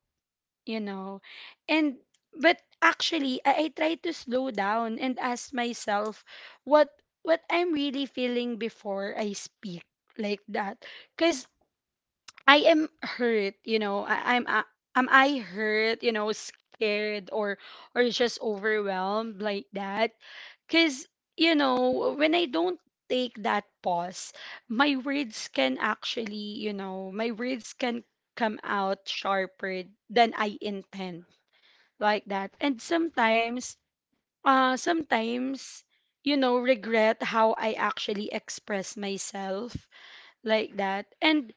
A: you know. And, but actually, I try to slow down and ask myself what what I'm really feeling before I speak, like that. Because I am hurt, you know. Am I hurt, you know, scared, or just overwhelmed, like that? Cuz you know, when I don't take that pause, my words can come out sharper than I intend, like that. And sometimes, you know, regret how I actually express myself, like that. And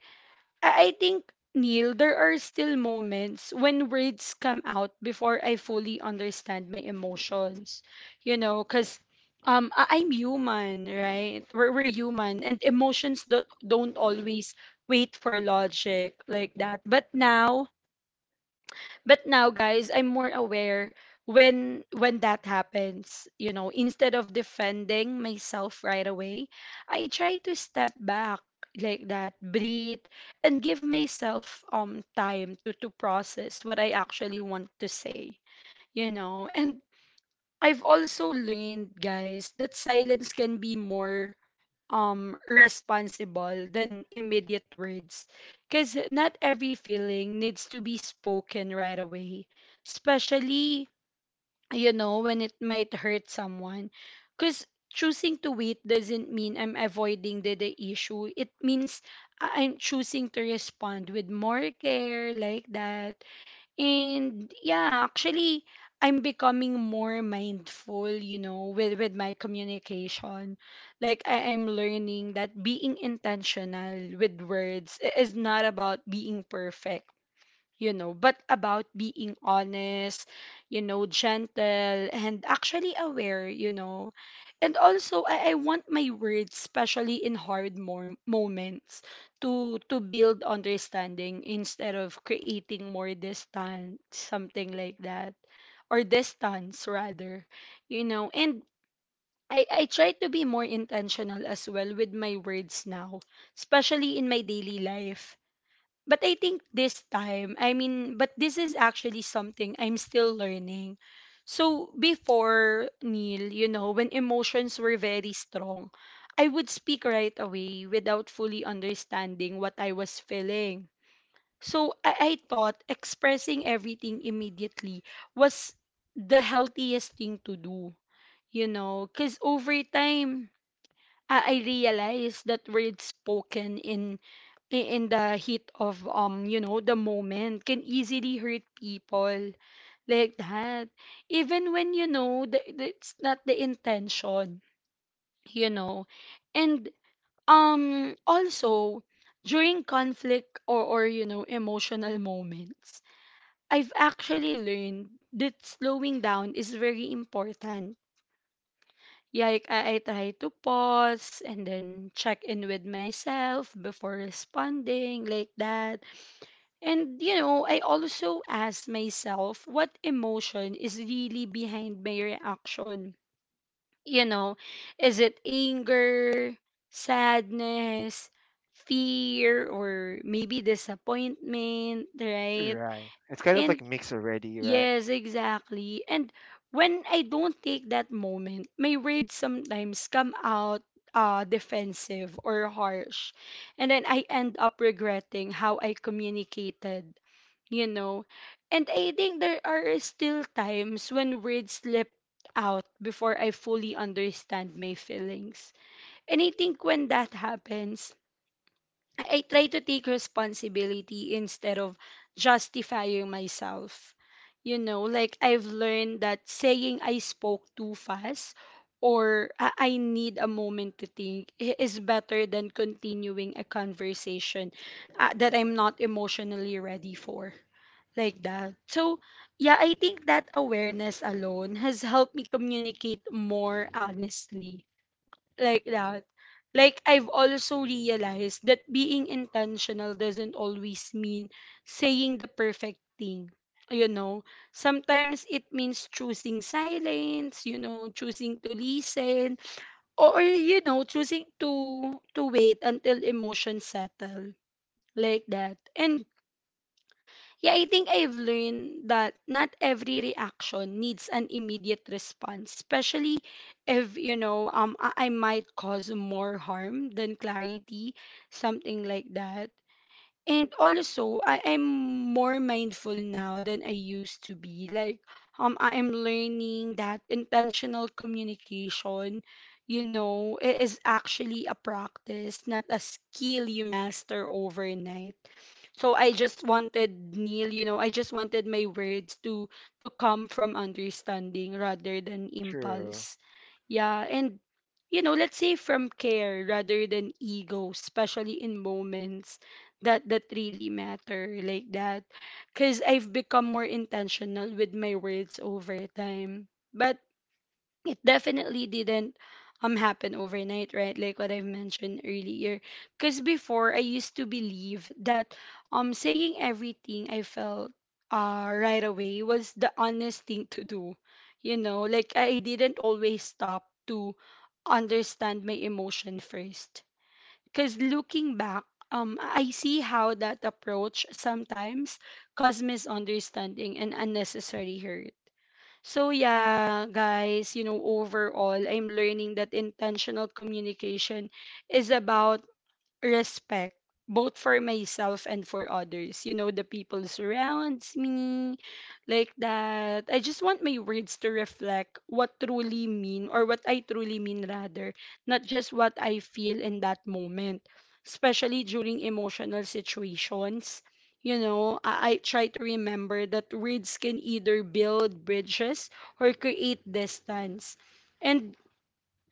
A: I think, Neil, there are still moments when words come out before I fully understand my emotions. You know, because I'm human, right? We're human, and emotions don't always wait for logic, like that. But now, but now, guys, I'm more aware. When that happens, you know, instead of defending myself right away, I try to step back, like that, breathe, and give myself time to process what I actually want to say, you know. And I've also learned, guys, that silence can be more responsible than immediate words, because not every feeling needs to be spoken right away, especially, you know, when it might hurt someone. Because choosing to wait doesn't mean I'm avoiding the issue. It means I'm choosing to respond with more care, like that. And yeah, actually, I'm becoming more mindful, you know, with my communication. Like, I am learning that being intentional with words is not about being perfect, you know, but about being honest, you know, gentle, and actually aware, you know. And also, I want my words, especially in hard moments, to build understanding instead of creating more distance, something like that, or distance rather, you know. And I try to be more intentional as well with my words now, especially in my daily life. But I think this time, I mean, but this is actually something I'm still learning. So before, Neil, you know, when emotions were very strong, I would speak right away without fully understanding what I was feeling. So I thought expressing everything immediately was the healthiest thing to do, you know. Because over time, I realize that words spoken in in the heat of you know, the moment can easily hurt people, like that, even when you know that it's not the intention, you know. And also, during conflict or you know, emotional moments, I've actually learned that slowing down is very important. Yeah, like, I try to pause and then check in with myself before responding, like that. And you know, I also ask myself what emotion is really behind my reaction. You know, is it anger, sadness, fear, or maybe disappointment, right?
B: Right. It's kind of
A: And
B: like mixed already, right?
A: yes, exactly. And when I don't take that moment, my words sometimes come out defensive or harsh. And then I end up regretting how I communicated, you know. And I think there are still times when words slip out before I fully understand my feelings. And I think when that happens, I try to take responsibility instead of justifying myself. You know, like I've learned that saying I spoke too fast or I need a moment to think is better than continuing a conversation that I'm not emotionally ready for. Like that. So, yeah, I think that awareness alone has helped me communicate more honestly, like that. Like I've also realized that being intentional doesn't always mean saying the perfect thing. You know, sometimes it means choosing silence, you know, choosing to listen, or you know, choosing to wait until emotions settle, like that. And yeah, I think I've learned that not every reaction needs an immediate response, especially if, you know, I might cause more harm than clarity, something like that. And also, I am more mindful now than I used to be. Like I am learning that intentional communication, you know, it is actually a practice, not a skill you master overnight. So I just wanted, Neil, you know, I just wanted my words to come from understanding rather than
B: True.
A: impulse. Yeah, and you know, let's say from care rather than ego, especially in moments that really matter, like that. Because I've become more intentional with my words over time, but it definitely didn't happen overnight, right, like what I've mentioned earlier. Because before, I used to believe that saying everything I felt right away was the honest thing to do, you know. Like, I didn't always stop to understand my emotion first. Because looking back, I see how that approach sometimes causes misunderstanding and unnecessary hurt. So, yeah, guys, you know, overall, I'm learning that intentional communication is about respect, both for myself and for others. You know, the people surrounds me, like that. I just want my words to reflect what truly mean, or what I truly mean rather, not just what I feel in that moment, especially during emotional situations. You know, I try to remember that words can either build bridges or create distance. And I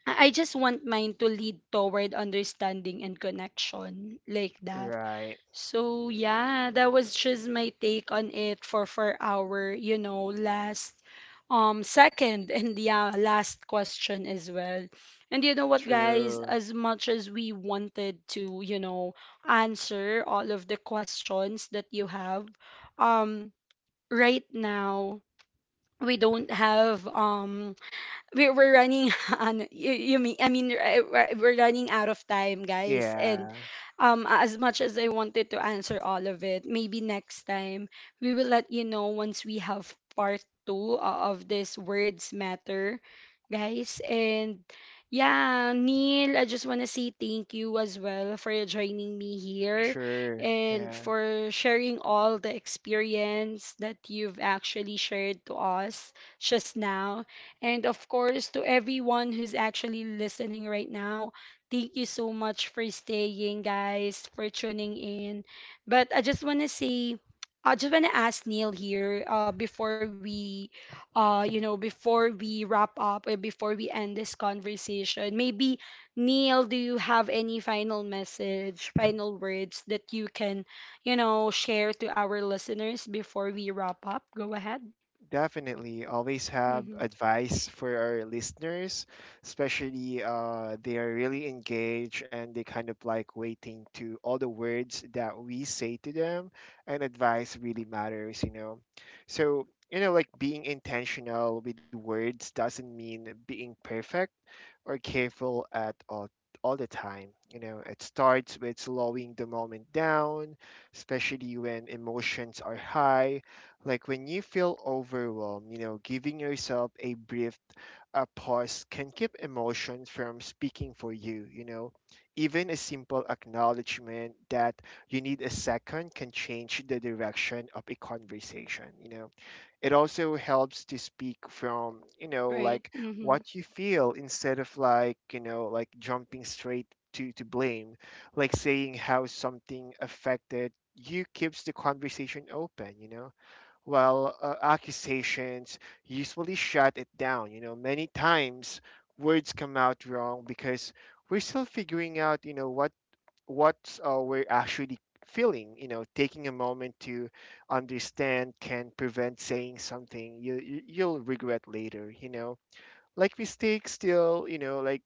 A: I just want mine to lead toward understanding and connection, like that.
B: Right.
A: So yeah, that was just my take on it for our, you know, last second and yeah, last question as well. And you know what, guys,
B: True.
A: as much as we wanted to, you know, answer all of the questions that you have, um right now, we don't have we're running [LAUGHS] on you, you mean, I mean, we're running out of time, guys. And
B: Yeah.
A: as much as I wanted to answer all of it, maybe next time we will let you know once we have part 2 of this words matter, guys. And yeah, Neil, I just want to say thank you as well for joining me here
B: Sure,
A: and
B: yeah,
A: for sharing all the experience that you've actually shared to us just now. And of course, to everyone who's actually listening right now, thank you so much for staying, guys, for tuning in. But I just want to say, I just want to ask Neil here, before we, you know, before we wrap up or before we end this conversation. Maybe, Neil, do you have any final message, final words that you can, you know, share to our listeners before we wrap up? Go ahead.
B: definitely. Always have
A: Mm-hmm.
B: advice for our listeners, especially they are really engaged and they kind of like waiting to all the words that we say to them, and advice really matters, you know. So, you know, like being intentional with words doesn't mean being perfect or careful at all the time. You know, it starts with slowing the moment down, especially when emotions are high. Like when you feel overwhelmed, you know, giving yourself a brief a pause can keep emotions from speaking for you, you know. Even a simple acknowledgement that you need a second can change the direction of a conversation, you know. It also helps to speak from, you know,
A: Right.
B: like
A: Mm-hmm.
B: what you feel instead of like, you know, like jumping straight to blame, like saying how something affected you keeps the conversation open, you know. Well, accusations usually shut it down, you know. Many times words come out wrong because we're still figuring out, you know, what we're actually feeling, you know. Taking a moment to understand can prevent saying something you'll regret later, you know. Like mistakes still, you know, like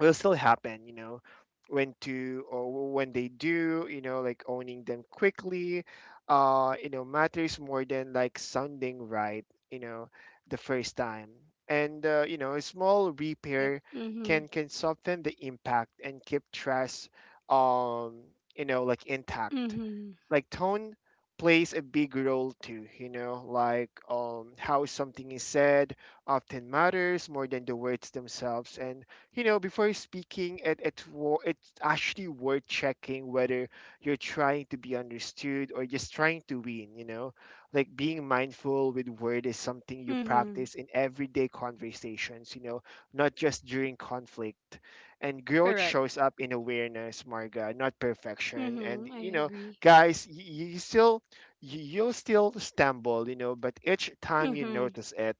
B: will still happen, you know, when to or when they do, you know, like owning them quickly, you know, matters more than like sounding right, you know, the first time. And you know, a small
A: Right.
B: repair
A: Mhm.
B: can soften the impact and keep trust, um you know, like intact.
A: Mhm.
B: Like tone plays a big role too, you know, like how something is said often matters more than the words themselves. And you know, before speaking it, it's actually worth checking whether you're trying to be understood or just trying to win, you know. Like being mindful with word is something you
A: Mhm.
B: practice in everyday conversations, you know, not just during conflict. And growth
A: Correct.
B: shows up in awareness, Marga, not perfection.
A: Mhm.
B: And
A: I
B: you know,
A: agree.
B: guys, you still you'll still stumble, you know, but each time you
A: Mhm.
B: notice it,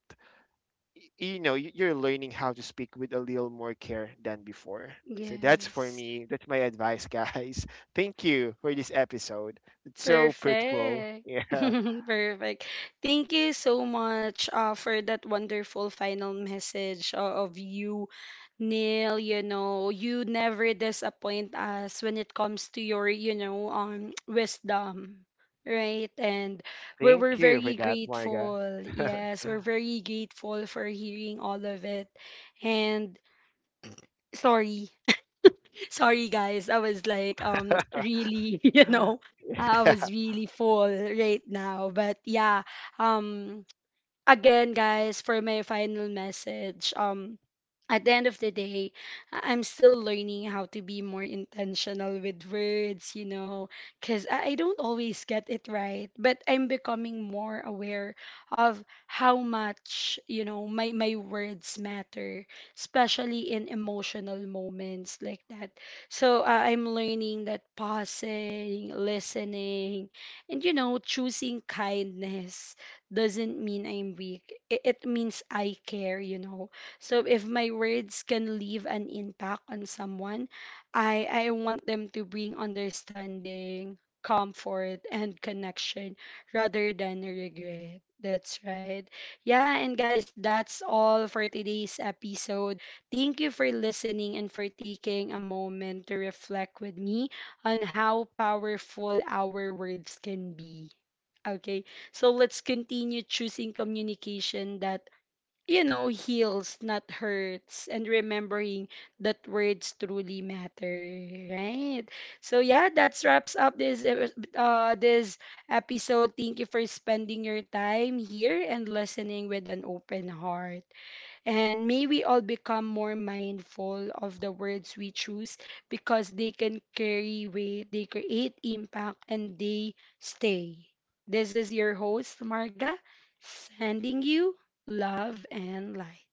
B: you know, you're learning how to speak with a little more care than before. So that's for
A: Yes.
B: me, that's my advice, guys. [LAUGHS] Thank you for this episode, it's so fruitful.
A: Perfect.
B: Yeah.
A: [LAUGHS] Perfect. Thank you so much, for that wonderful final message, of you, Neil. You know, you never disappoint us when it comes to your, you know, [TSK] wisdom, right? And
B: [LAUGHS]
A: we're,
B: Thank
A: we're
B: you for
A: very
B: that, Marga.
A: grateful. Yes, we're very grateful for hearing all of it. And sorry. Sorry, guys. I was like, really, [LAUGHS] you
B: [LAUGHS]
A: know, I was really full right now. But yeah, um, again, guys, for my final message, at the end of the day, I'm still learning how to be more intentional with words, you know, because I don't always get it right, but I'm becoming more aware of how much, you know, my words matter, especially in emotional moments, like that. So I'm learning that pausing, listening, and, you know, choosing kindness doesn't mean I'm weak. It means I care, you know. So if my words can leave an impact on someone, I want them to bring understanding, comfort, and connection rather than regret. That's right. Yeah, and guys, that's all for today's episode. Thank you for listening and for taking a moment to reflect with me on how powerful our words can be. Okay, so let's continue choosing communication that, you know, heals, not hurts, and remembering that words truly matter, right? So yeah, that wraps up this this episode. Thank you for spending your time here and listening with an open heart. And may we all become more mindful of the words we choose because they can carry weight, they create impact, and they stay. This is your host, Marga, sending you love and light.